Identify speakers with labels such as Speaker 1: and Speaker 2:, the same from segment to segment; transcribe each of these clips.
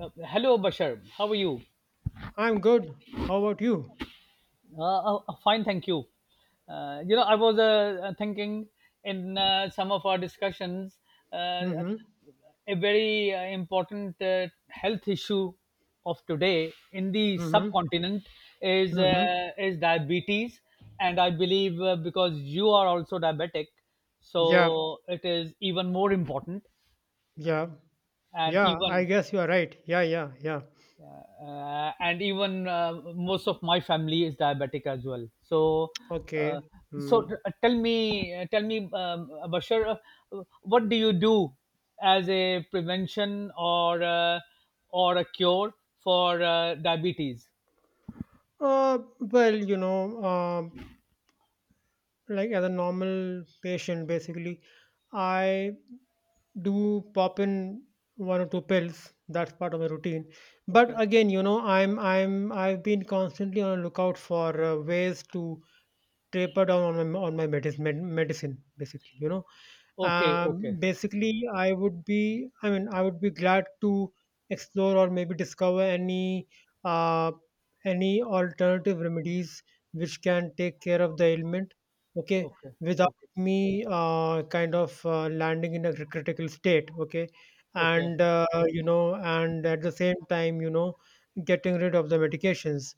Speaker 1: Hello, Bashar. How are you?
Speaker 2: I'm good. How about you?
Speaker 1: Fine, thank you. I was thinking in some of our discussions, uh,
Speaker 2: Mm-hmm.
Speaker 1: a very important health issue of today in the
Speaker 2: Mm-hmm.
Speaker 1: subcontinent is
Speaker 2: Mm-hmm.
Speaker 1: uh, is diabetes, and I believe because you are also diabetic,
Speaker 2: Yeah,
Speaker 1: so it is even more important
Speaker 2: yeah,
Speaker 1: and
Speaker 2: yeah. I
Speaker 1: even
Speaker 2: guess you are right. Yeah, yeah, yeah.
Speaker 1: most of my family is diabetic as well, so
Speaker 2: Okay.
Speaker 1: uh,
Speaker 2: Mm.
Speaker 1: tell me, Bashar, what do you do as a prevention or or a cure for diabetes?
Speaker 2: Well, like as a normal patient, basically, I do pop in one or two pills. That's part of my routine. But
Speaker 1: Okay.
Speaker 2: again, I've been constantly on a lookout for ways to taper down on my medicine basically.
Speaker 1: Okay. Okay.
Speaker 2: Basically I mean I would be glad to explore or maybe discover uh, any alternative remedies which can take care of the ailment, okay,
Speaker 1: Okay.
Speaker 2: without
Speaker 1: Okay.
Speaker 2: me kind of landing in a critical state, okay,
Speaker 1: Okay.
Speaker 2: and you know and at the same time, getting rid of the medications.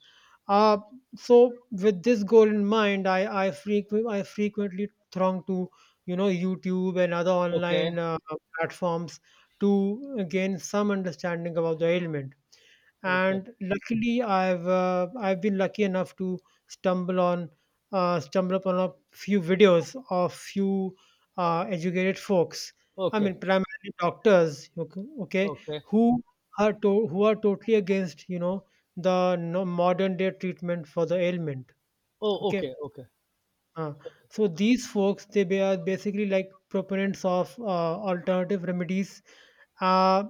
Speaker 2: uh, so with this goal in mind, I frequently throng to YouTube and other
Speaker 1: Okay.
Speaker 2: online platforms to gain some understanding about the ailment.
Speaker 1: Okay.
Speaker 2: And luckily, I've been lucky enough to stumble on stumble upon a few videos of few educated folks, I
Speaker 1: Okay.
Speaker 2: mean primarily doctors, okay, okay,
Speaker 1: Okay.
Speaker 2: who who are totally against the modern day treatment for the ailment,
Speaker 1: Oh,
Speaker 2: okay.
Speaker 1: okay. Okay.
Speaker 2: uh,
Speaker 1: Okay.
Speaker 2: so these folks, they are basically like proponents of alternative remedies, uh,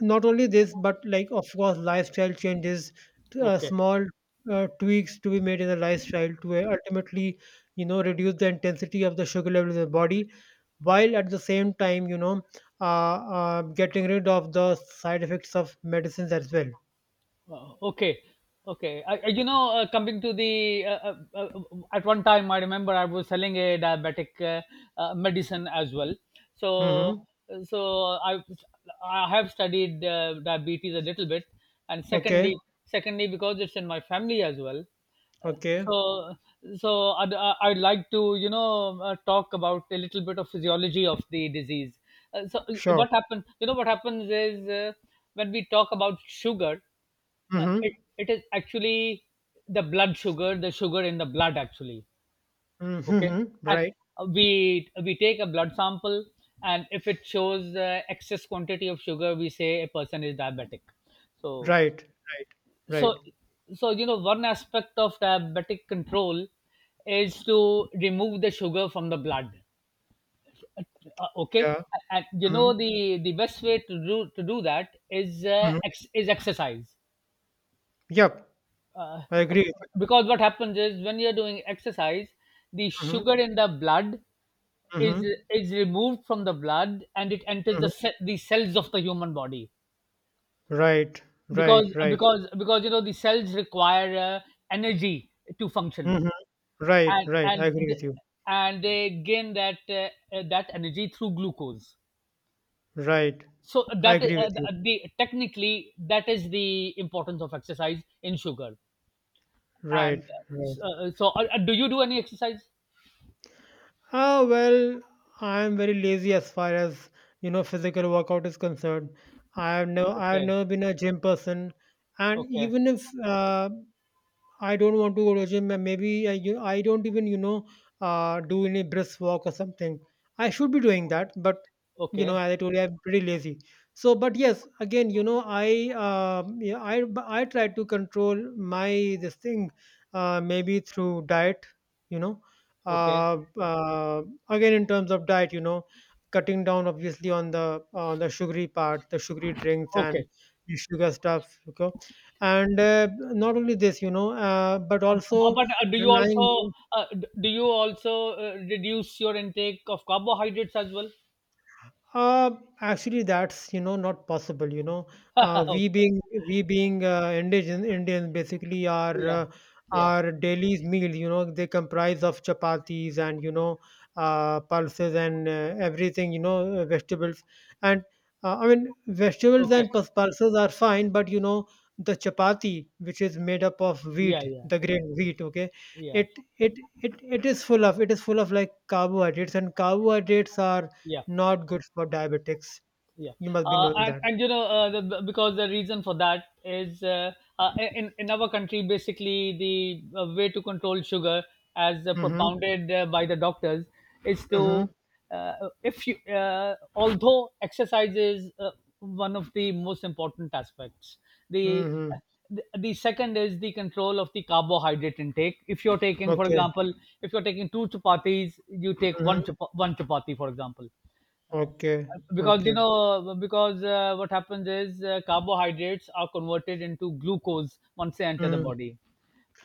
Speaker 2: not only this, but like of course lifestyle changes,
Speaker 1: Okay.
Speaker 2: small tweaks to be made in the lifestyle to ultimately reduce the intensity of the sugar level in the body, while at the same time getting rid of the side effects of medicines as well.
Speaker 1: Okay. Coming to the uh, at one time, I remember I was selling a diabetic medicine as well. So
Speaker 2: Mm-hmm.
Speaker 1: so i I have studied diabetes a little bit, and secondly
Speaker 2: Okay,
Speaker 1: secondly because it's in my family as well. Uh,
Speaker 2: okay.
Speaker 1: so so I'd like to, talk about a little bit of physiology of the disease. So,
Speaker 2: Sure.
Speaker 1: what happens is, when we talk about sugar, uh,
Speaker 2: Mm-hmm.
Speaker 1: it, it is actually the blood sugar, the sugar in the blood actually.
Speaker 2: Mm-hmm.
Speaker 1: Okay.
Speaker 2: Mm-hmm.
Speaker 1: And
Speaker 2: Right,
Speaker 1: we take a blood sample, and if it shows excess quantity of sugar, we say a person is diabetic. So
Speaker 2: right, right,
Speaker 1: so
Speaker 2: right.
Speaker 1: so one aspect of diabetic control is to remove the sugar from the blood. Okay.
Speaker 2: Yeah.
Speaker 1: And
Speaker 2: Mm-hmm.
Speaker 1: the best way to do that is exercise
Speaker 2: Yep,
Speaker 1: uh,
Speaker 2: I agree with
Speaker 1: because what happens is, when you're doing exercise, the
Speaker 2: you. Mm-hmm.
Speaker 1: sugar in the blood
Speaker 2: Mm-hmm.
Speaker 1: is
Speaker 2: Mm-hmm.
Speaker 1: is removed from the blood, and it enters the cells of the human body,
Speaker 2: Right, right,
Speaker 1: because
Speaker 2: right.
Speaker 1: because because you know the cells require energy to function.
Speaker 2: Hmm. Right,
Speaker 1: And
Speaker 2: right. I agree with you.
Speaker 1: they gain that energy through glucose.
Speaker 2: Right.
Speaker 1: So
Speaker 2: I
Speaker 1: that
Speaker 2: agree with you.
Speaker 1: the technically, that is the importance of exercise in sugar.
Speaker 2: Right,
Speaker 1: And
Speaker 2: right.
Speaker 1: so so Do you do any exercise?
Speaker 2: Ah, well, I am very lazy as far as, physical workout is concerned. I have
Speaker 1: Okay,
Speaker 2: never been a gym person. And
Speaker 1: okay,
Speaker 2: even if I don't want to go to gym, and maybe I don't even do any brisk walk or something. I should be doing that, but
Speaker 1: okay,
Speaker 2: as I told you, I'm pretty lazy. So, but yes, again, I yeah, I try to control my this thing, maybe through diet, you know,
Speaker 1: okay,
Speaker 2: uh, uh, again in terms of diet, cutting down obviously on the sugary part, the sugary drinks and
Speaker 1: okay.
Speaker 2: the sugar stuff. Okay, and not only this, but also
Speaker 1: But do you also
Speaker 2: relying.
Speaker 1: d- do you also reduce your intake of carbohydrates as well?
Speaker 2: Uh, Actually, that's not possible. You know, uh,
Speaker 1: Okay.
Speaker 2: we being we being Indian Indians, basically
Speaker 1: Yeah, yeah.
Speaker 2: our daily's meal. They comprise of chapatis, and pulses, and everything. Vegetables, and I mean vegetables
Speaker 1: Okay.
Speaker 2: and pulses are fine, but the chapati, which is made up of
Speaker 1: Yeah,
Speaker 2: wheat,
Speaker 1: yeah,
Speaker 2: the grain wheat. Okay,
Speaker 1: yeah,
Speaker 2: it it it is full of it is full of like carbohydrates, and carbohydrates are
Speaker 1: yeah.
Speaker 2: not good for diabetics.
Speaker 1: Yeah,
Speaker 2: You must be knowing
Speaker 1: and
Speaker 2: that.
Speaker 1: and because the reason for that is, in our country, basically, the way to control sugar, as
Speaker 2: Mhm.
Speaker 1: propounded by the doctors, is to
Speaker 2: Mhm.
Speaker 1: uh, if you although exercise is one of the most important aspects, the uh,
Speaker 2: Mhm.
Speaker 1: the second is the control of the carbohydrate intake. If you're taking, for
Speaker 2: Okay.
Speaker 1: example, if you're taking two chapatis, you take one
Speaker 2: Mhm.
Speaker 1: chap- one chapati, for example,
Speaker 2: Okay.
Speaker 1: because
Speaker 2: Okay.
Speaker 1: what happens is, carbohydrates are converted into glucose once they enter the
Speaker 2: Mhm.
Speaker 1: body.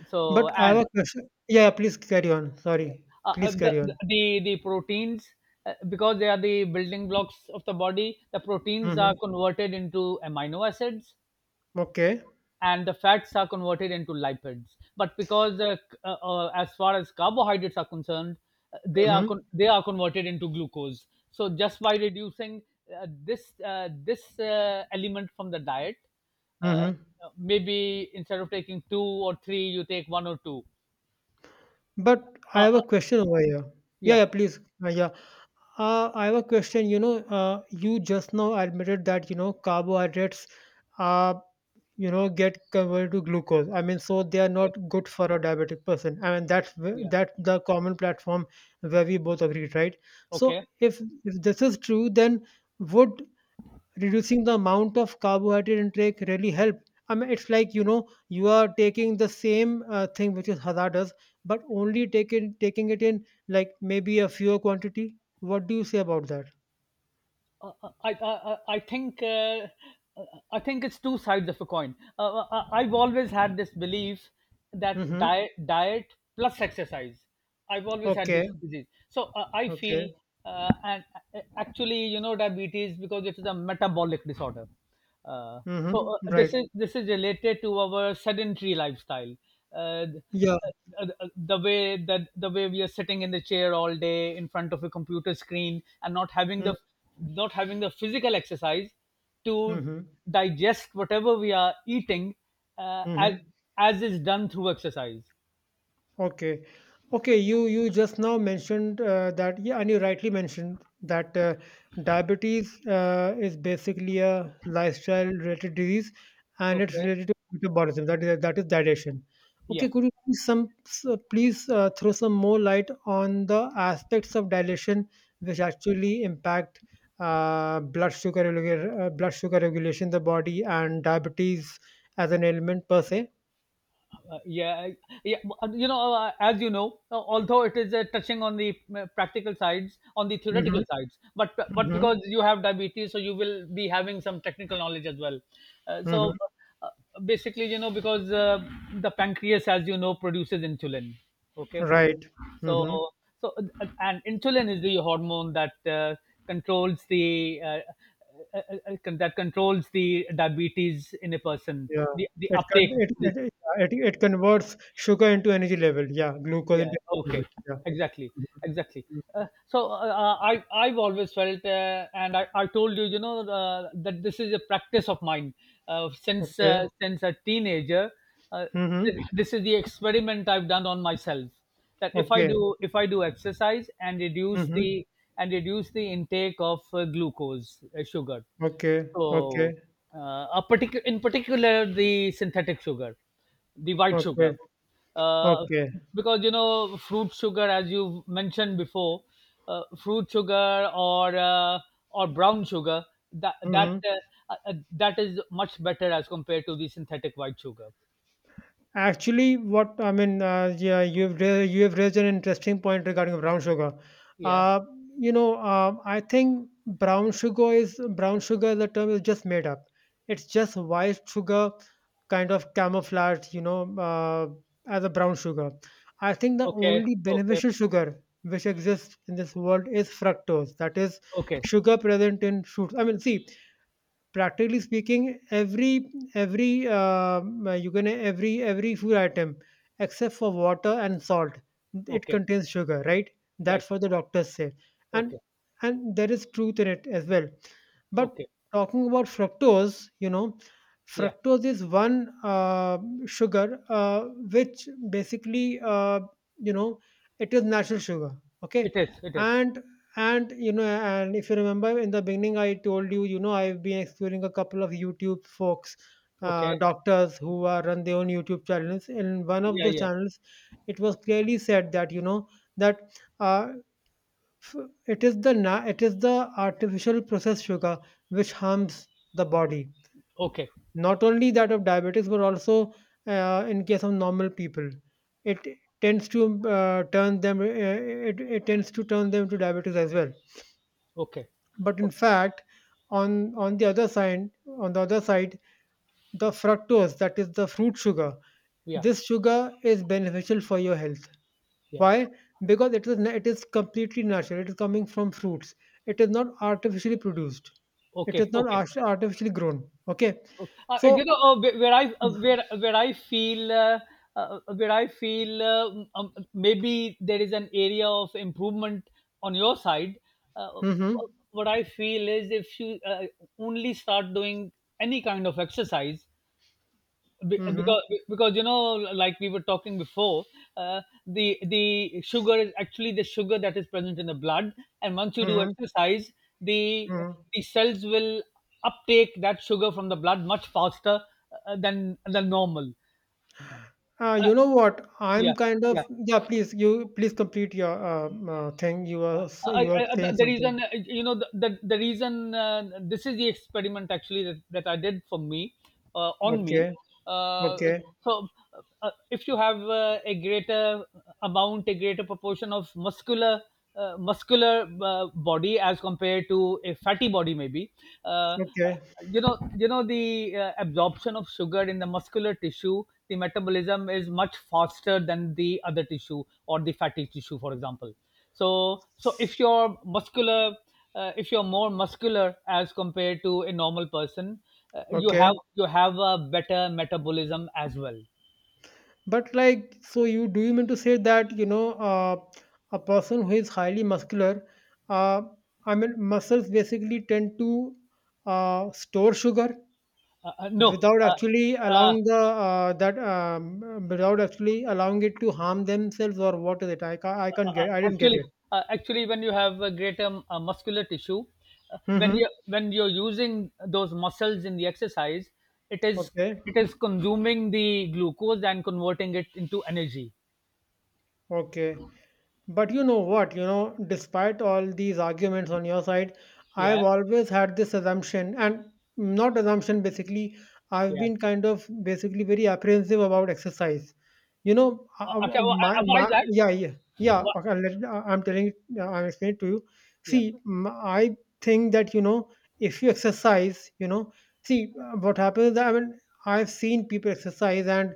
Speaker 1: So
Speaker 2: But I have
Speaker 1: and
Speaker 2: a question. Yeah, yeah, please carry on. Sorry.
Speaker 1: uh, uh,
Speaker 2: Please
Speaker 1: the,
Speaker 2: carry on.
Speaker 1: the proteins, because they are the building blocks of the body, the proteins are
Speaker 2: Mhm.
Speaker 1: converted into amino acids,
Speaker 2: Okay.
Speaker 1: and the fats are converted into lipids. But as far as carbohydrates are concerned, they are
Speaker 2: Mhm.
Speaker 1: con- they are converted into glucose. So just by reducing this element from the diet, uh,
Speaker 2: Mhm.
Speaker 1: maybe instead of taking two or three, you take one or two.
Speaker 2: But I
Speaker 1: Uh,
Speaker 2: have a
Speaker 1: uh,
Speaker 2: question over here. Yeah,
Speaker 1: yeah.
Speaker 2: yeah, please. Yeah. I have a question. You just now admitted that, carbohydrates are, get converted to glucose. I mean, so they are
Speaker 1: Okay.
Speaker 2: not good for a diabetic person. I mean,
Speaker 1: Yeah.
Speaker 2: that's the common platform where we both agreed, right? So
Speaker 1: Okay.
Speaker 2: if this is true, then would reducing the amount of carbohydrate intake really help? I mean, it's like, you are taking the same thing which is hazardous, but only taking it in like maybe a fewer quantity. What do you say about that?
Speaker 1: I I I I think uh, I think it's two sides of a coin. I've always had this belief that
Speaker 2: Mm-hmm.
Speaker 1: diet plus exercise. I've always had
Speaker 2: Okay,
Speaker 1: this disease, so I
Speaker 2: okay.
Speaker 1: feel, and actually, diabetes, because it is a metabolic disorder. Uh,
Speaker 2: Mm-hmm.
Speaker 1: this
Speaker 2: Right.
Speaker 1: is this is related to our sedentary lifestyle. Uh,
Speaker 2: Yeah.
Speaker 1: the way we are sitting in the chair all day in front of a computer screen, and
Speaker 2: Mm-hmm.
Speaker 1: not having the physical exercise to
Speaker 2: Mm-hmm.
Speaker 1: digest whatever we are eating, uh, as
Speaker 2: Mm-hmm.
Speaker 1: as is done through exercise.
Speaker 2: Okay. Okay, you just now mentioned that, yeah, and you rightly mentioned that diabetes is basically a lifestyle related disease, and it's
Speaker 1: Okay.
Speaker 2: related to metabolism, that is digestion.
Speaker 1: Yeah.
Speaker 2: Okay, could you please please throw some more light on the aspects of digestion which actually impact blood sugar regulation in the body and diabetes as an ailment per se?
Speaker 1: Yeah, yeah. You know, as you know, although it is touching on the practical sides, on the
Speaker 2: Hmm.
Speaker 1: theoretical sides, but because you have diabetes, so you will be having some technical knowledge as well. Uh,
Speaker 2: Hmm.
Speaker 1: so Basically, because the pancreas, as you know, produces insulin. Okay.
Speaker 2: Right.
Speaker 1: so
Speaker 2: Mhm.
Speaker 1: so uh, and insulin is the hormone that controls the. Uh, that controls the diabetes in a person,
Speaker 2: Yeah.
Speaker 1: the,
Speaker 2: It con
Speaker 1: uptake,
Speaker 2: it
Speaker 1: the,
Speaker 2: it it Yeah, it converts sugar into energy level. Yeah, glucose
Speaker 1: yeah,
Speaker 2: into energy level.
Speaker 1: okay.
Speaker 2: Yeah.
Speaker 1: Exactly,
Speaker 2: Mhm.
Speaker 1: exactly.
Speaker 2: Mm.
Speaker 1: I've always felt, and I told you, you know that this is a practice of mine uh, since
Speaker 2: Okay.
Speaker 1: uh, since a teenager. uh,
Speaker 2: Mhm.
Speaker 1: this, this is the experiment I've done on myself, that if i
Speaker 2: Okay.
Speaker 1: do if i do exercise and reduce
Speaker 2: Mhm.
Speaker 1: the and reduce the intake of glucose, sugar.
Speaker 2: Okay.
Speaker 1: So,
Speaker 2: Okay.
Speaker 1: a particu in particular, the synthetic sugar, the white sugar,
Speaker 2: Okay.
Speaker 1: uh,
Speaker 2: Okay.
Speaker 1: because fruit sugar, as you mentioned before, fruit sugar or or brown sugar, that that
Speaker 2: Mhm.
Speaker 1: that is much better as compared to the synthetic white sugar.
Speaker 2: Actually, what I mean, yeah, you have raised an interesting point regarding brown sugar.
Speaker 1: Yeah.
Speaker 2: Uh, I think brown sugar is brown sugar. The term is just made up. It's just white sugar, kind of camouflaged, as a brown sugar. I think the
Speaker 1: Okay.
Speaker 2: only
Speaker 1: Okay.
Speaker 2: beneficial sugar which exists in this world is fructose. That is
Speaker 1: Okay.
Speaker 2: sugar present in fruits. I mean, see, practically speaking, every you can every food item, except for water and salt, it
Speaker 1: Okay.
Speaker 2: contains sugar, right?
Speaker 1: Right.
Speaker 2: That's what the doctors say, and
Speaker 1: Okay.
Speaker 2: and there is truth in it as well. But
Speaker 1: Okay.
Speaker 2: talking about fructose,
Speaker 1: Yeah.
Speaker 2: fructose is one sugar which basically you know it is natural sugar, okay.
Speaker 1: It is. It is.
Speaker 2: And and you know, and if you remember in the beginning, I told you, I've been exploring a couple of YouTube folks,
Speaker 1: Okay.
Speaker 2: doctors who are run their own YouTube channels. In one of
Speaker 1: Yeah.
Speaker 2: those
Speaker 1: Yeah.
Speaker 2: channels, it was clearly said that that uh, f- it is the it is the artificial processed sugar which harms the body.
Speaker 1: Okay.
Speaker 2: Not only that of diabetics, but also in case of normal people, it tends to turn them, it, it tends to turn them to diabetics as well.
Speaker 1: Okay.
Speaker 2: But in
Speaker 1: Okay.
Speaker 2: fact, on the other side, on the other side, the fructose, that is the fruit sugar,
Speaker 1: Yeah.
Speaker 2: this sugar is beneficial for your health.
Speaker 1: Yeah.
Speaker 2: Why? Because it is it is completely natural, it is coming from fruits, it is not artificially produced, it
Speaker 1: Okay.
Speaker 2: is not
Speaker 1: Okay. Okay.
Speaker 2: artificially grown, okay,
Speaker 1: Uh,
Speaker 2: so.
Speaker 1: you know, where I feel maybe there is an area of improvement on your side. Uh,
Speaker 2: Mm-hmm,
Speaker 1: what I feel is, if you only start doing any kind of exercise. Be-
Speaker 2: mm-hmm,
Speaker 1: because because, like we were talking before, the sugar is actually the sugar that is present in the blood, and once you do
Speaker 2: mm-hmm.
Speaker 1: exercise, the
Speaker 2: Hmm.
Speaker 1: the cells will uptake that sugar from the blood much faster than normal. uh,
Speaker 2: You know what, I'm
Speaker 1: yeah,
Speaker 2: kind
Speaker 1: yeah.
Speaker 2: of yeah, please complete your thing, you were saying
Speaker 1: I- the
Speaker 2: something.
Speaker 1: reason This is the experiment actually that, I did for me, on
Speaker 2: Okay,
Speaker 1: me. Uh,
Speaker 2: okay.
Speaker 1: so if you have a greater amount, a greater proportion of muscular body, as compared to a fatty body, maybe, uh,
Speaker 2: Okay,
Speaker 1: you know, the absorption of sugar in the muscular tissue, the metabolism is much faster than the other tissue or the fatty tissue, for example. So if you're muscular, if you're more muscular as compared to a normal person, you
Speaker 2: okay.
Speaker 1: have you have a better metabolism as well.
Speaker 2: But like, so you mean to say that, a person who is highly muscular, uh, I mean, muscles basically tend to store sugar
Speaker 1: No.
Speaker 2: without actually
Speaker 1: uh, uh,
Speaker 2: allowing the that without actually allowing it to harm themselves, or what is it? I can I can't get, I didn't get
Speaker 1: actually
Speaker 2: it.
Speaker 1: Actually, when you have a greater muscular tissue, when
Speaker 2: Mm-hmm.
Speaker 1: you when you're using those muscles in the exercise, it is
Speaker 2: Okay,
Speaker 1: it is consuming the glucose and converting it into energy.
Speaker 2: okay. But you know what, despite all these arguments on your side, I've
Speaker 1: Yeah,
Speaker 2: always had this assumption, and not assumption basically, I've
Speaker 1: yeah.
Speaker 2: been kind of basically very apprehensive about exercise.
Speaker 1: Okay, well, why is that?
Speaker 2: Yeah, yeah, yeah,
Speaker 1: Why-
Speaker 2: okay, I'm explaining it to you.
Speaker 1: yeah,
Speaker 2: See, I think that, if you exercise, see, what happens is that, I mean, I've seen people exercise, and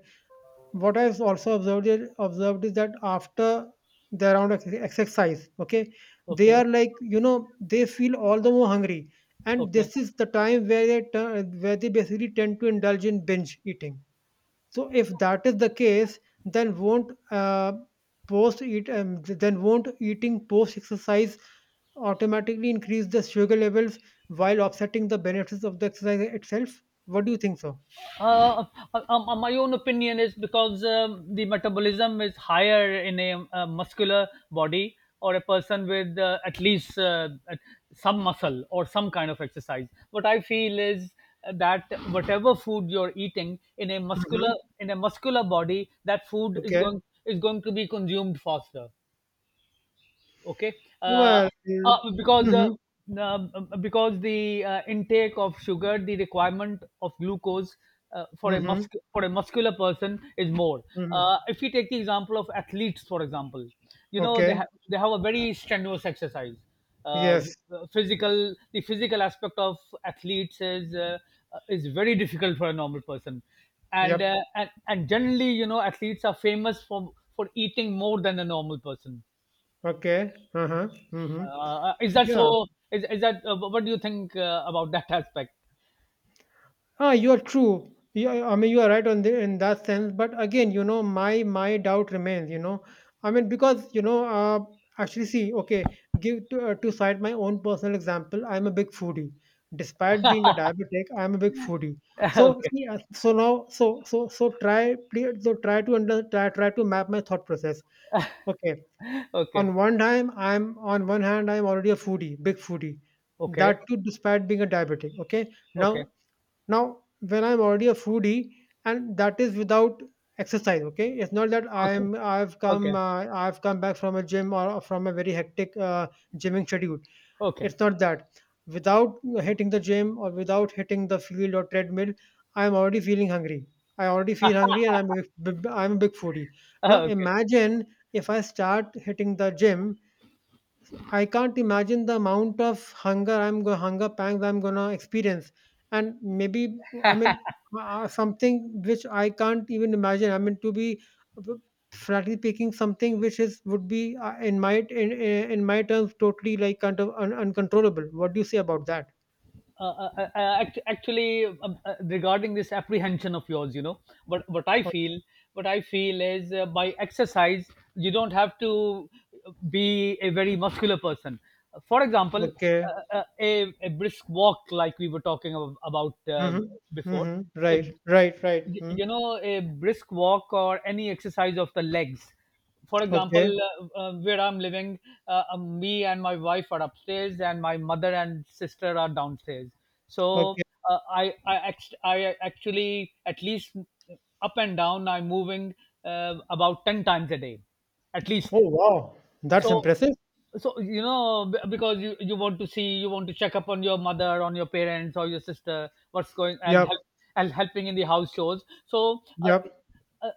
Speaker 2: what I've also observed is that after the round of exercise, okay, they
Speaker 1: okay.
Speaker 2: are like, they feel all the more hungry, and
Speaker 1: Okay.
Speaker 2: this is the time where they turn, where they basically tend to indulge in binge eating. So if that is the case, then won't eating post exercise automatically increase the sugar levels while offsetting the benefits of the exercise itself? What do you think so?
Speaker 1: Uh, my own opinion is, because the metabolism is higher in a, muscular body, or a person with at least some muscle or some kind of exercise. What I feel is that whatever food you're eating in a
Speaker 2: Hmm.
Speaker 1: muscular, in a muscular body, that food is
Speaker 2: Okay.
Speaker 1: going, is going to be consumed faster. Okay. uh,
Speaker 2: Well.
Speaker 1: uh, because uh,
Speaker 2: Mhm.
Speaker 1: because the intake of sugar, the requirement of glucose, uh, for a
Speaker 2: Mhm,
Speaker 1: mus- for a muscular person is more.
Speaker 2: mhm.
Speaker 1: If we take the example of athletes, for example, they
Speaker 2: Okay.
Speaker 1: have they have a very strenuous exercise. uh,
Speaker 2: Yes.
Speaker 1: physical the physical aspect of athletes is very difficult for a normal person, and uh,
Speaker 2: Yep.
Speaker 1: and and generally, athletes are famous for eating more than a normal person.
Speaker 2: Okay. Uh-huh. Mhm.
Speaker 1: Is that
Speaker 2: Yeah.
Speaker 1: so? Is that, what do you think about that aspect?
Speaker 2: Ah, you're true. Yeah, I mean, you are right in that sense. But again, my doubt remains. I mean, because actually, see, okay, to cite my own personal example. I'm a big foodie. Despite being a diabetic, I'm a big foodie. So
Speaker 1: Okay,
Speaker 2: see, so try, please, try to map my thought process. Okay.
Speaker 1: okay,
Speaker 2: On one hand, I'm already a foodie, big foodie.
Speaker 1: okay,
Speaker 2: That too, despite being a diabetic. Okay.
Speaker 1: okay,
Speaker 2: Now, when I'm already a foodie, and that is without exercise. Okay. It's not that
Speaker 1: okay,
Speaker 2: I'm I've
Speaker 1: okay,
Speaker 2: come uh, I've come back from a gym or from a very hectic gymming schedule.
Speaker 1: okay.
Speaker 2: It's not that. Without hitting the gym or without hitting the field or treadmill, I'm already feeling hungry. I already feel hungry, and I'm a big foodie. Now
Speaker 1: Okay.
Speaker 2: imagine if I start hitting the gym. I can't imagine the amount of hunger I'm go hunger pangs I'm gonna experience, and maybe I mean something which I can't even imagine. I mean to be uh, frankly speaking, something which is would be in my terms, totally, like, kind of uncontrollable. What do you say about that?
Speaker 1: Actually, regarding this apprehension of yours, you know, what what I
Speaker 2: O-
Speaker 1: feel, what I feel is, by exercise, you don't have to be a very muscular person. For example,
Speaker 2: Okay.
Speaker 1: a brisk walk, like we were talking about
Speaker 2: Mm-hmm.
Speaker 1: before,
Speaker 2: Mm-hmm.
Speaker 1: a
Speaker 2: Right. Right. Right. Mm.
Speaker 1: a brisk walk or any exercise of the legs for
Speaker 2: Okay.
Speaker 1: example where I'm living. Me and my wife are upstairs and my mother and sister are downstairs, so
Speaker 2: Okay.
Speaker 1: I actually, at least, up and down I'm moving about 10 times a day at least.
Speaker 2: Oh wow, that's
Speaker 1: So
Speaker 2: impressive.
Speaker 1: because you want to see, you want to check up on your mother, on your parents or your sister, what's going and help
Speaker 2: Yep.
Speaker 1: and helping in the house chores. So
Speaker 2: Yep.
Speaker 1: uh,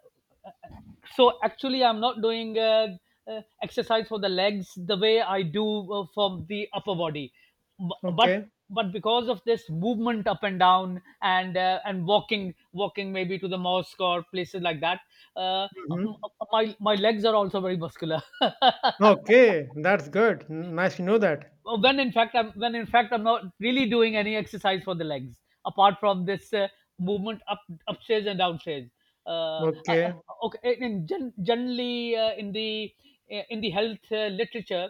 Speaker 1: so actually I'm not doing exercise for the legs the way I do, for the upper body. B- but
Speaker 2: Okay.
Speaker 1: but because of this movement up and down and walking maybe to the mosque or places like that, uh, m-
Speaker 2: Mm-hmm.
Speaker 1: my legs are also very muscular.
Speaker 2: Okay, that's good. N nice to know that.
Speaker 1: When in fact I'm when in fact I'm not really doing any exercise for the legs apart from this movement up upstairs and downstairs. Uh, uh, uh,
Speaker 2: Okay.
Speaker 1: okay, generally in the health literature,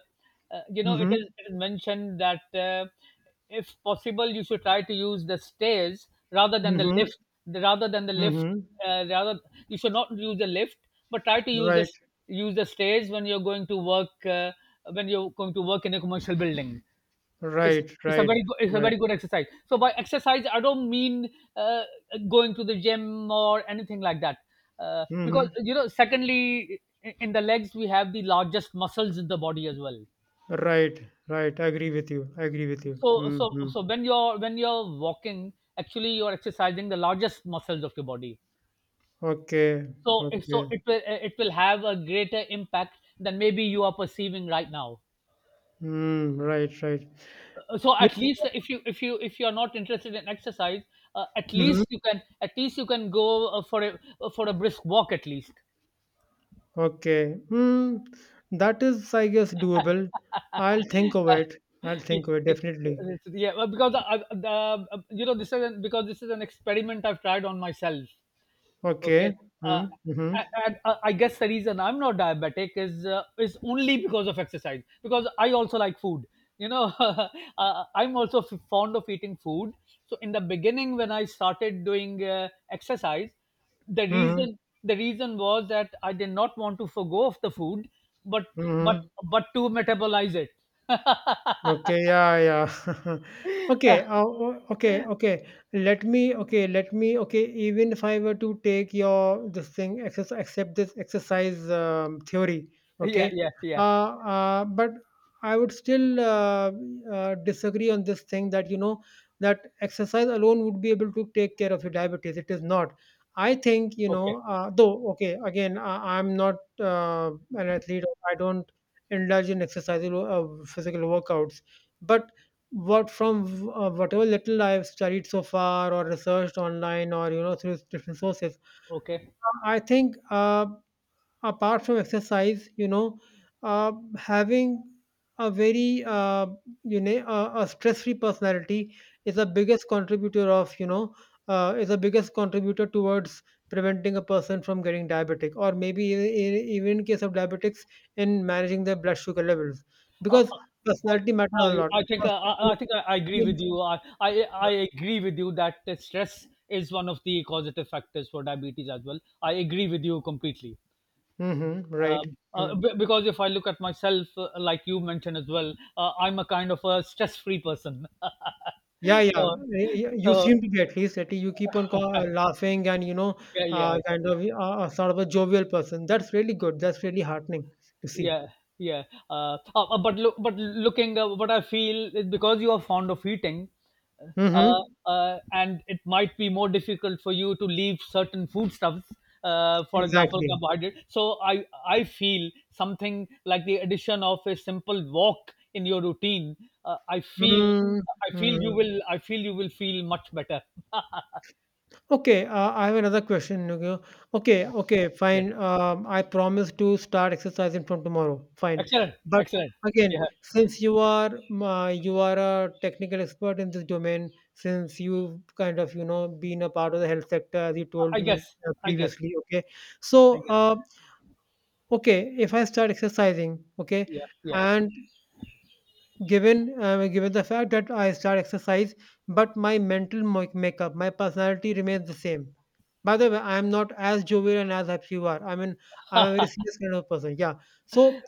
Speaker 1: you know,
Speaker 2: Mm-hmm.
Speaker 1: it is mentioned that if possible you should try to use the stairs rather than the
Speaker 2: Mm-hmm.
Speaker 1: lift, rather than the lift,
Speaker 2: Mm-hmm.
Speaker 1: rather, you should not use the lift but try to use
Speaker 2: Right.
Speaker 1: use the stairs when you're going to work, when you're going to work in a commercial building. it's,
Speaker 2: Right.
Speaker 1: it's a
Speaker 2: Right.
Speaker 1: very good, it's a
Speaker 2: Right.
Speaker 1: very good exercise. So by exercise I don't mean uh, going to the gym or anything like that, because,
Speaker 2: Mm-hmm.
Speaker 1: you know, secondly, in the legs we have the largest muscles in the body as well.
Speaker 2: Right. Right. I agree with you. I agree with you.
Speaker 1: So
Speaker 2: Mm-hmm.
Speaker 1: when you're walking, actually you're exercising the largest muscles of your body.
Speaker 2: Okay.
Speaker 1: So
Speaker 2: Okay.
Speaker 1: it will, it will have a greater impact than maybe you are perceiving right now.
Speaker 2: Mm, right. Right.
Speaker 1: So
Speaker 2: Yeah.
Speaker 1: at least if you, if you are not interested in exercise, at
Speaker 2: Mm-hmm.
Speaker 1: least you can, at least you can go, for a, for a brisk walk at least.
Speaker 2: Okay. Mm, that is, I guess, doable. I'll think of it. I'll
Speaker 1: Yeah,
Speaker 2: think of it
Speaker 1: like,
Speaker 2: definitely.
Speaker 1: yeah, well, because you know, because this is an experiment I've tried on myself. Okay.
Speaker 2: Okay.
Speaker 1: Uh,
Speaker 2: Mm-hmm.
Speaker 1: I, I guess the reason I'm not diabetic is only because of exercise, because I also like food. You know, I'm also fond of eating food. So in the beginning, when I started doing exercise, the
Speaker 2: Mm-hmm.
Speaker 1: reason the reason was that I did not want to forgo of the food, but, but
Speaker 2: Mm-hmm.
Speaker 1: but to metabolize it.
Speaker 2: Okay, yeah, yeah. Okay, okay, okay. Let me, okay, let me, okay, even if I were to take your this thing, exercise, accept this exercise theory,
Speaker 1: Yeah,
Speaker 2: okay,
Speaker 1: yeah, yeah.
Speaker 2: uh, but I would still disagree on this thing that, you know, that exercise alone would be able to take care of your diabetes. It is not. I think, you
Speaker 1: Okay,
Speaker 2: know, though, okay, again, I'm not uh, an athlete. I don't indulge in exercises or physical workouts. But what from whatever little I've studied so far or researched online or you know through different sources,
Speaker 1: okay.
Speaker 2: I think. Apart from exercise, you know, having a very you know, a stress-free personality is the biggest contributor of you know is the biggest contributor towards preventing a person from getting diabetic, or maybe even in case of diabetics, in managing their blood sugar levels,
Speaker 1: Uh, uh,
Speaker 2: because
Speaker 1: I,
Speaker 2: personality matters a lot.
Speaker 1: I think
Speaker 2: Person who-
Speaker 1: I think I agree with you. I agree with you that the stress is one of the causative factors for diabetes as well. I agree with you completely.
Speaker 2: Mhm, right.
Speaker 1: Because if I look at myself, like you mentioned as well, I'm a kind of a stress-free person.
Speaker 2: Yeah, yeah.
Speaker 1: So,
Speaker 2: Yeah, you
Speaker 1: so,
Speaker 2: seem to be at least that you keep on laughing, and, you know,
Speaker 1: yeah, yeah,
Speaker 2: kind of, sort of a jovial person. That's really good. That's really heartening to see.
Speaker 1: yeah, yeah. But looking, what I feel is, because you are fond of eating, uh,
Speaker 2: Mm-hmm.
Speaker 1: and it might be more difficult for you to leave certain foodstuffs, for example
Speaker 2: Exactly.
Speaker 1: carbohydrate. So I feel something like the addition of a simple walk in your routine, I feel,
Speaker 2: Mm-hmm. Mm-hmm.
Speaker 1: I feel you will feel much better.
Speaker 2: Okay, I have another question. Okay, okay,
Speaker 1: Yeah,
Speaker 2: okay,
Speaker 1: yeah,
Speaker 2: fine. I promise to start exercising from tomorrow. Fine,
Speaker 1: excellent,
Speaker 2: but
Speaker 1: excellent. yeah
Speaker 2: again, since you are a technical expert in this domain, since you've kind of, you know, been a part of the health sector, as you told
Speaker 1: i
Speaker 2: me
Speaker 1: guess i guess
Speaker 2: previously. Okay,
Speaker 1: i
Speaker 2: so,
Speaker 1: guess
Speaker 2: okay, if I start exercising, okay,
Speaker 1: Yeah, yeah,
Speaker 2: and given, given the fact that I start exercise, but my mental makeup, my personality remains the same. By the way, I am not as jovial and as happy you are. I mean, I'm a very serious kind of person. Yeah. So,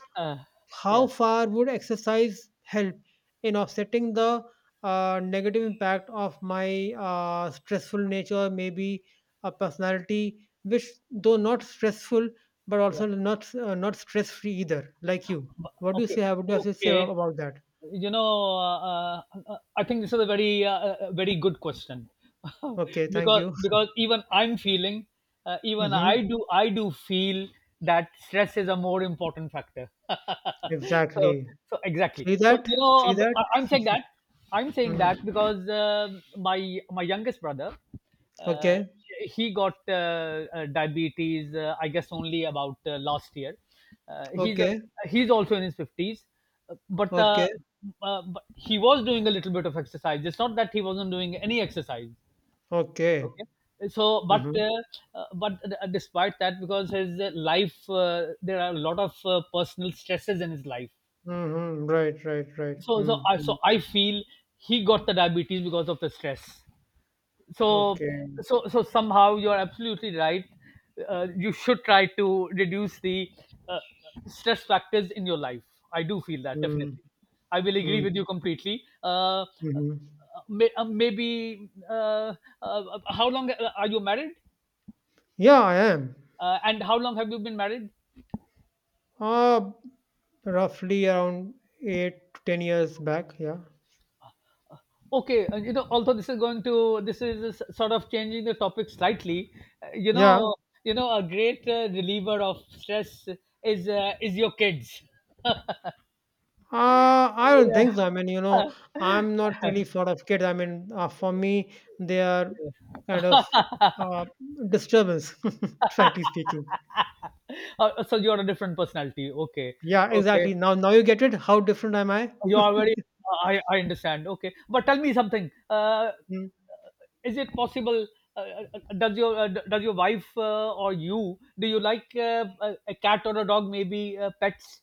Speaker 2: how
Speaker 1: yeah,
Speaker 2: far would exercise help in offsetting the negative impact of my stressful nature, maybe a personality which, though not stressful, but
Speaker 1: yeah.
Speaker 2: also not stress free either, like you? What do you
Speaker 1: Okay,
Speaker 2: say? What do you have to say
Speaker 1: okay.
Speaker 2: about that?
Speaker 1: You know, I think this is a very, very good question,
Speaker 2: Okay, thank you.
Speaker 1: because even I'm feeling,
Speaker 2: Hmm.
Speaker 1: I do feel that stress is a more important factor. So,
Speaker 2: Exactly.
Speaker 1: so exactly.
Speaker 2: See
Speaker 1: So
Speaker 2: that?
Speaker 1: you know,
Speaker 2: See that?
Speaker 1: I'm saying that,
Speaker 2: Mm.
Speaker 1: because my youngest brother, uh,
Speaker 2: Okay,
Speaker 1: he got diabetes. I guess only about last year. Uh, he's a,
Speaker 2: okay,
Speaker 1: he's also in his 50s, uh, but uh,
Speaker 2: okay,
Speaker 1: but he was doing a little bit of exercise. It's not that he wasn't doing any exercise,
Speaker 2: okay.
Speaker 1: okay. So
Speaker 2: Mm-hmm.
Speaker 1: but despite that, because his life, there are a lot of personal stresses in his life.
Speaker 2: Mm-hmm. Right, right, right.
Speaker 1: So
Speaker 2: Mm-hmm.
Speaker 1: I feel he got the diabetes because of the stress. So
Speaker 2: Okay.
Speaker 1: somehow you're absolutely right. You should try to reduce the uh, stress factors in your life. I do feel that
Speaker 2: Mm-hmm.
Speaker 1: definitely. I will agree with you completely.
Speaker 2: Mm-hmm.
Speaker 1: Maybe how long are you married?
Speaker 2: Yeah, I am.
Speaker 1: And how long have you been married?
Speaker 2: Uh, roughly around 8 to 10 years back. Yeah.
Speaker 1: Okay, you know, although this is going to, this is sort of changing the topic slightly, uh, you
Speaker 2: Yeah.
Speaker 1: know you know, a great reliever of stress is, is your kids.
Speaker 2: I don't
Speaker 1: Yeah.
Speaker 2: think so. I mean, you know, I'm not really sort of kid. I mean, for me, they are kind of, uh, disturbance, frankly speaking.
Speaker 1: So you're a different personality. Okay,
Speaker 2: Yeah,
Speaker 1: okay.
Speaker 2: exactly. Now you get it. How different am I?
Speaker 1: You are very. I understand. Okay, but tell me something.
Speaker 2: Hmm.
Speaker 1: Is it possible? Does your wife, or you, do you like a cat or a dog? Maybe pets.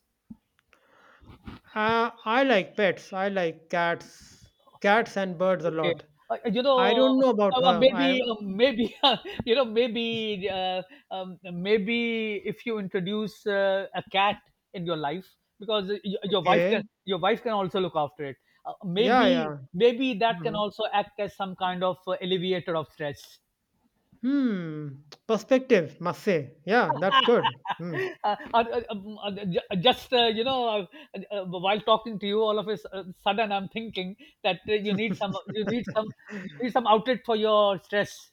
Speaker 2: I like pets. I like cats and birds a
Speaker 1: Okay.
Speaker 2: lot.
Speaker 1: You
Speaker 2: I
Speaker 1: know,
Speaker 2: don't know about her. I
Speaker 1: maybe, you know, maybe if you introduce a cat in your life, because
Speaker 2: Okay.
Speaker 1: your wife can also look after it.
Speaker 2: Yeah,
Speaker 1: Maybe,
Speaker 2: yeah.
Speaker 1: maybe that can
Speaker 2: Mhm.
Speaker 1: also act as some kind of alleviator of stress.
Speaker 2: Hmm. Perspective, must say. Yeah, that's good. Hmm.
Speaker 1: Just, while talking to you, all of sudden I'm thinking that you need some, you need some, you need some outlet for your stress.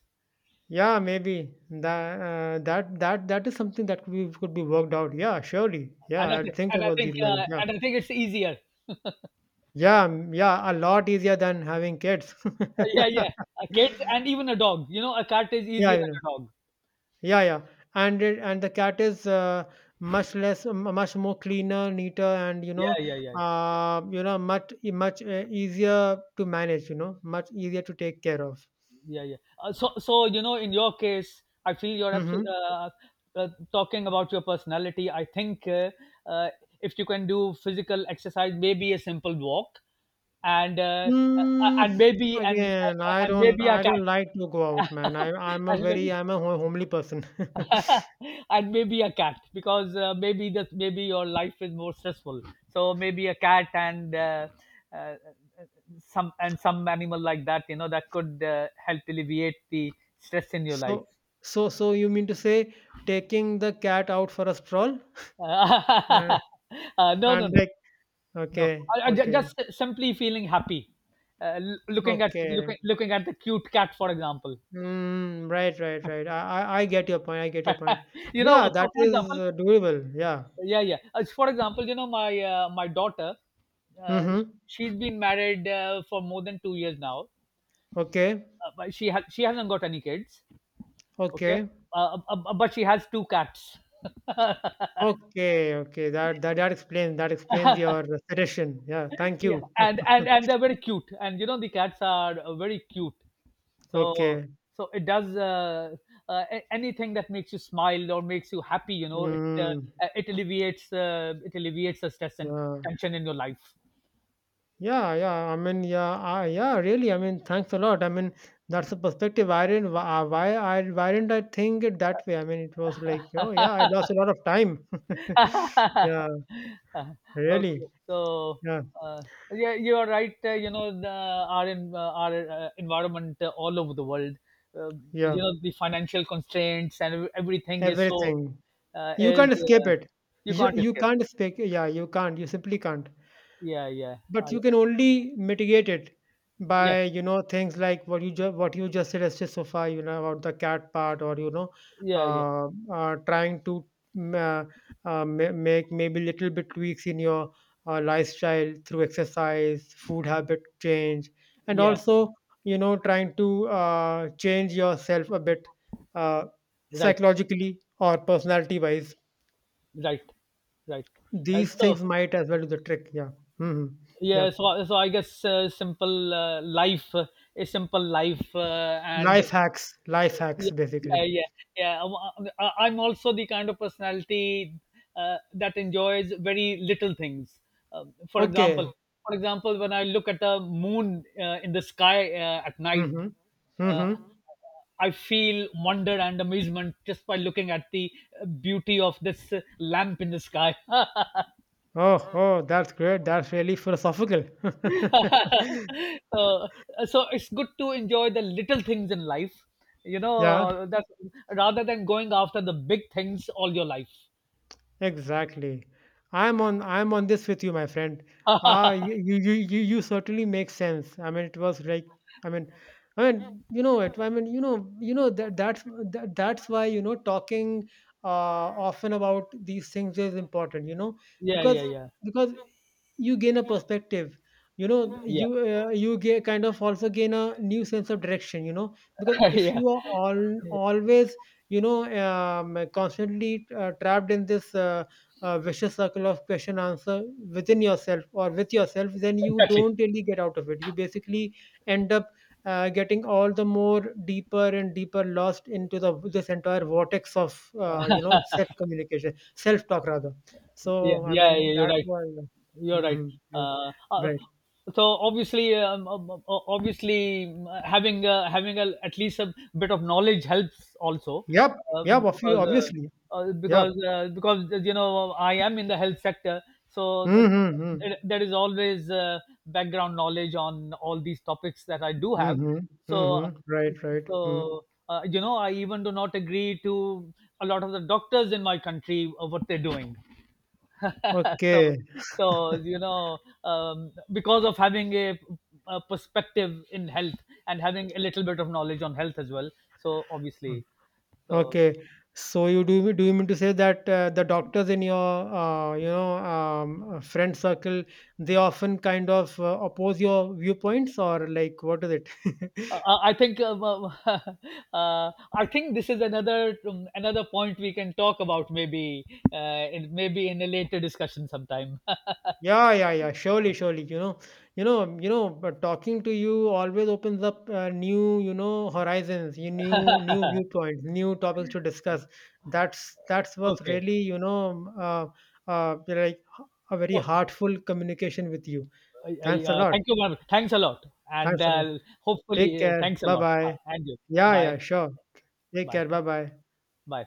Speaker 2: Yeah, maybe that is something that could be worked out. Yeah, surely. Yeah, I'll think about these lines. Yeah.
Speaker 1: And I think it's easier.
Speaker 2: Yeah, yeah, a lot easier than having kids.
Speaker 1: Yeah, yeah. A cat and even a dog. You know, a cat is
Speaker 2: Yeah,
Speaker 1: easier
Speaker 2: you
Speaker 1: than
Speaker 2: know.
Speaker 1: a dog.
Speaker 2: Yeah, yeah, and the cat is, much more cleaner, neater, and,
Speaker 1: Yeah, yeah, yeah, yeah,
Speaker 2: you know, much much easier to manage. You know, much easier to take care of.
Speaker 1: yeah, yeah. So, so you know, in your case, I feel you're absolutely
Speaker 2: Mm-hmm.
Speaker 1: talking about your personality. I think uh, if you can do physical exercise, maybe a simple walk, and uh, uh,
Speaker 2: Mm,
Speaker 1: and maybe and
Speaker 2: again,
Speaker 1: and
Speaker 2: I
Speaker 1: and
Speaker 2: don't,
Speaker 1: maybe a
Speaker 2: I
Speaker 1: cat.
Speaker 2: don't like to go out, man. I, I'm a
Speaker 1: And
Speaker 2: very,
Speaker 1: maybe,
Speaker 2: I'm a ho- homely person.
Speaker 1: and maybe a cat, because maybe that, maybe your life is more stressful, so maybe a cat and uh, some, and some animal like that, you know, that could help alleviate the stress in your life.
Speaker 2: so, so you mean to say taking the cat out for a stroll? Uh,
Speaker 1: uh, no no
Speaker 2: and,
Speaker 1: no
Speaker 2: like,
Speaker 1: no.
Speaker 2: okay, okay,
Speaker 1: Just simply feeling happy,
Speaker 2: okay.
Speaker 1: looking at the cute cat, for example.
Speaker 2: Mm, right, right, right. I get your point. I get your point.
Speaker 1: You
Speaker 2: Yeah,
Speaker 1: know,
Speaker 2: that
Speaker 1: for
Speaker 2: is,
Speaker 1: example,
Speaker 2: doable. Yeah.
Speaker 1: yeah, yeah. As for example, you know, my my daughter, uh,
Speaker 2: Mm-hmm.
Speaker 1: she's been married for more than 2 years now,
Speaker 2: Okay.
Speaker 1: but she hasn't got any kids, okay.
Speaker 2: Okay.
Speaker 1: But she has two cats.
Speaker 2: Okay. Okay. That explains your suggestion. Yeah. Thank
Speaker 1: Yeah,
Speaker 2: you.
Speaker 1: and they're very cute, and you know the cats are very cute. So
Speaker 2: Okay.
Speaker 1: it does, anything that makes you smile or makes you happy, you know,
Speaker 2: Mm,
Speaker 1: it alleviates the stress and
Speaker 2: yeah.
Speaker 1: tension in your life.
Speaker 2: Yeah. Yeah. I mean, yeah. Yeah. Really. I mean, thanks a lot. I mean, that's a perspective. Why didn't I think it that way? I mean, it was like, oh yeah, I lost a lot of time. yeah.
Speaker 1: Okay.
Speaker 2: Really.
Speaker 1: So,
Speaker 2: Yeah.
Speaker 1: uh, yeah, you are right. Uh, you know, the, our en- our environment, all over the world, uh,
Speaker 2: Yeah.
Speaker 1: you know, the financial constraints and everything is so
Speaker 2: Everything. You
Speaker 1: is
Speaker 2: can't escape
Speaker 1: uh,
Speaker 2: it.
Speaker 1: you
Speaker 2: You,
Speaker 1: can't
Speaker 2: you
Speaker 1: escape it.
Speaker 2: can't escape. Yeah, you can't. You simply can't,
Speaker 1: Yeah, yeah,
Speaker 2: but
Speaker 1: yeah,
Speaker 2: you can only mitigate it
Speaker 1: yeah,
Speaker 2: by, you know, things like what you just said as sofa, you know, about the cat part, or, you know,
Speaker 1: yeah, yeah,
Speaker 2: uh, trying to, mm, uh, make maybe little bit tweaks in your lifestyle through exercise, food habit change, and
Speaker 1: yeah.
Speaker 2: also, you know, trying to change yourself a bit, uh,
Speaker 1: Right,
Speaker 2: psychologically or personality wise.
Speaker 1: right, right, right.
Speaker 2: These things
Speaker 1: So,
Speaker 2: might as well do the trick. Yeah. Hmm. Yeah.
Speaker 1: yeah. So, so I guess simple a simple life, and
Speaker 2: Life hacks
Speaker 1: yeah, yeah,
Speaker 2: basically.
Speaker 1: yeah, yeah. I'm also the kind of personality that enjoys very little things. Um, for
Speaker 2: Okay.
Speaker 1: example, for example, when I look at a moon in the sky at night,
Speaker 2: Mm-hmm.
Speaker 1: uh,
Speaker 2: Mm-hmm.
Speaker 1: I feel wonder and amazement just by looking at the beauty of this lamp in the sky.
Speaker 2: Oh, that's great. That's really philosophical.
Speaker 1: Uh, so it's good to enjoy the little things in life, you
Speaker 2: yeah.
Speaker 1: know, that's rather than going after the big things all your life.
Speaker 2: Exactly. I'm on this with you, my friend. Ah, you certainly make sense. I mean, it was like, I mean, I mean, you know it. I mean, you know that that's why, you know, talking often about these things is important. You know,
Speaker 1: Yeah, yeah,
Speaker 2: because
Speaker 1: yeah,
Speaker 2: because you gain a perspective. You know,
Speaker 1: yeah.
Speaker 2: you get kind of also gain a new sense of direction. You know, because if
Speaker 1: Yeah,
Speaker 2: you are all
Speaker 1: yeah,
Speaker 2: always, you know, constantly trapped in this, vicious circle of question answer within yourself or with yourself, then you
Speaker 1: exactly.
Speaker 2: don't really get out of it, you basically end up getting all the more deeper and deeper lost into the this entire vortex of, you know, self communication, self talk rather.
Speaker 1: Yeah,
Speaker 2: So I
Speaker 1: yeah,
Speaker 2: mean
Speaker 1: yeah, you're
Speaker 2: that
Speaker 1: right.
Speaker 2: was.
Speaker 1: You're right.
Speaker 2: Hmm. Right,
Speaker 1: Uh, uh,
Speaker 2: right.
Speaker 1: so obviously, obviously, having a, at least a bit of knowledge helps also,
Speaker 2: Yep. Yep. obvi-
Speaker 1: because
Speaker 2: obviously Yep.
Speaker 1: because you know, I am in the health sector, so
Speaker 2: Mm-hmm, mm-hmm,
Speaker 1: there is always background knowledge on all these topics that I do have.
Speaker 2: mm-hmm,
Speaker 1: So,
Speaker 2: mm-hmm, right right mm.
Speaker 1: so you know, I even do not agree to a lot of the doctors in my country of what they're doing. So,
Speaker 2: Okay.
Speaker 1: so you know, because of having a perspective in health and having a little bit of knowledge on health as well, so obviously. So
Speaker 2: Okay. So you do do you mean to say that, the doctors in your, you know, friend circle, they often kind of, oppose your viewpoints, or like, what is it?
Speaker 1: I think uh, I think this is another, another point we can talk about maybe maybe in a later discussion sometime.
Speaker 2: Yeah, yeah, yeah. Surely, surely. You know, you know, you know. But talking to you always opens up, new, you know, horizons, you new, new viewpoints, new topics to discuss. That's was
Speaker 1: Okay.
Speaker 2: really, you know, like, a very
Speaker 1: Oh,
Speaker 2: heartful communication with you. Thanks a lot.
Speaker 1: thank you, Marvel. Thanks a lot. And
Speaker 2: Thanks a lot. Take
Speaker 1: hopefully,
Speaker 2: care.
Speaker 1: thanks a
Speaker 2: Bye
Speaker 1: lot. Bye.
Speaker 2: bye.
Speaker 1: And you.
Speaker 2: Yeah, yeah,
Speaker 1: Bye,
Speaker 2: sure. Take
Speaker 1: bye,
Speaker 2: care. Bye bye.
Speaker 1: bye.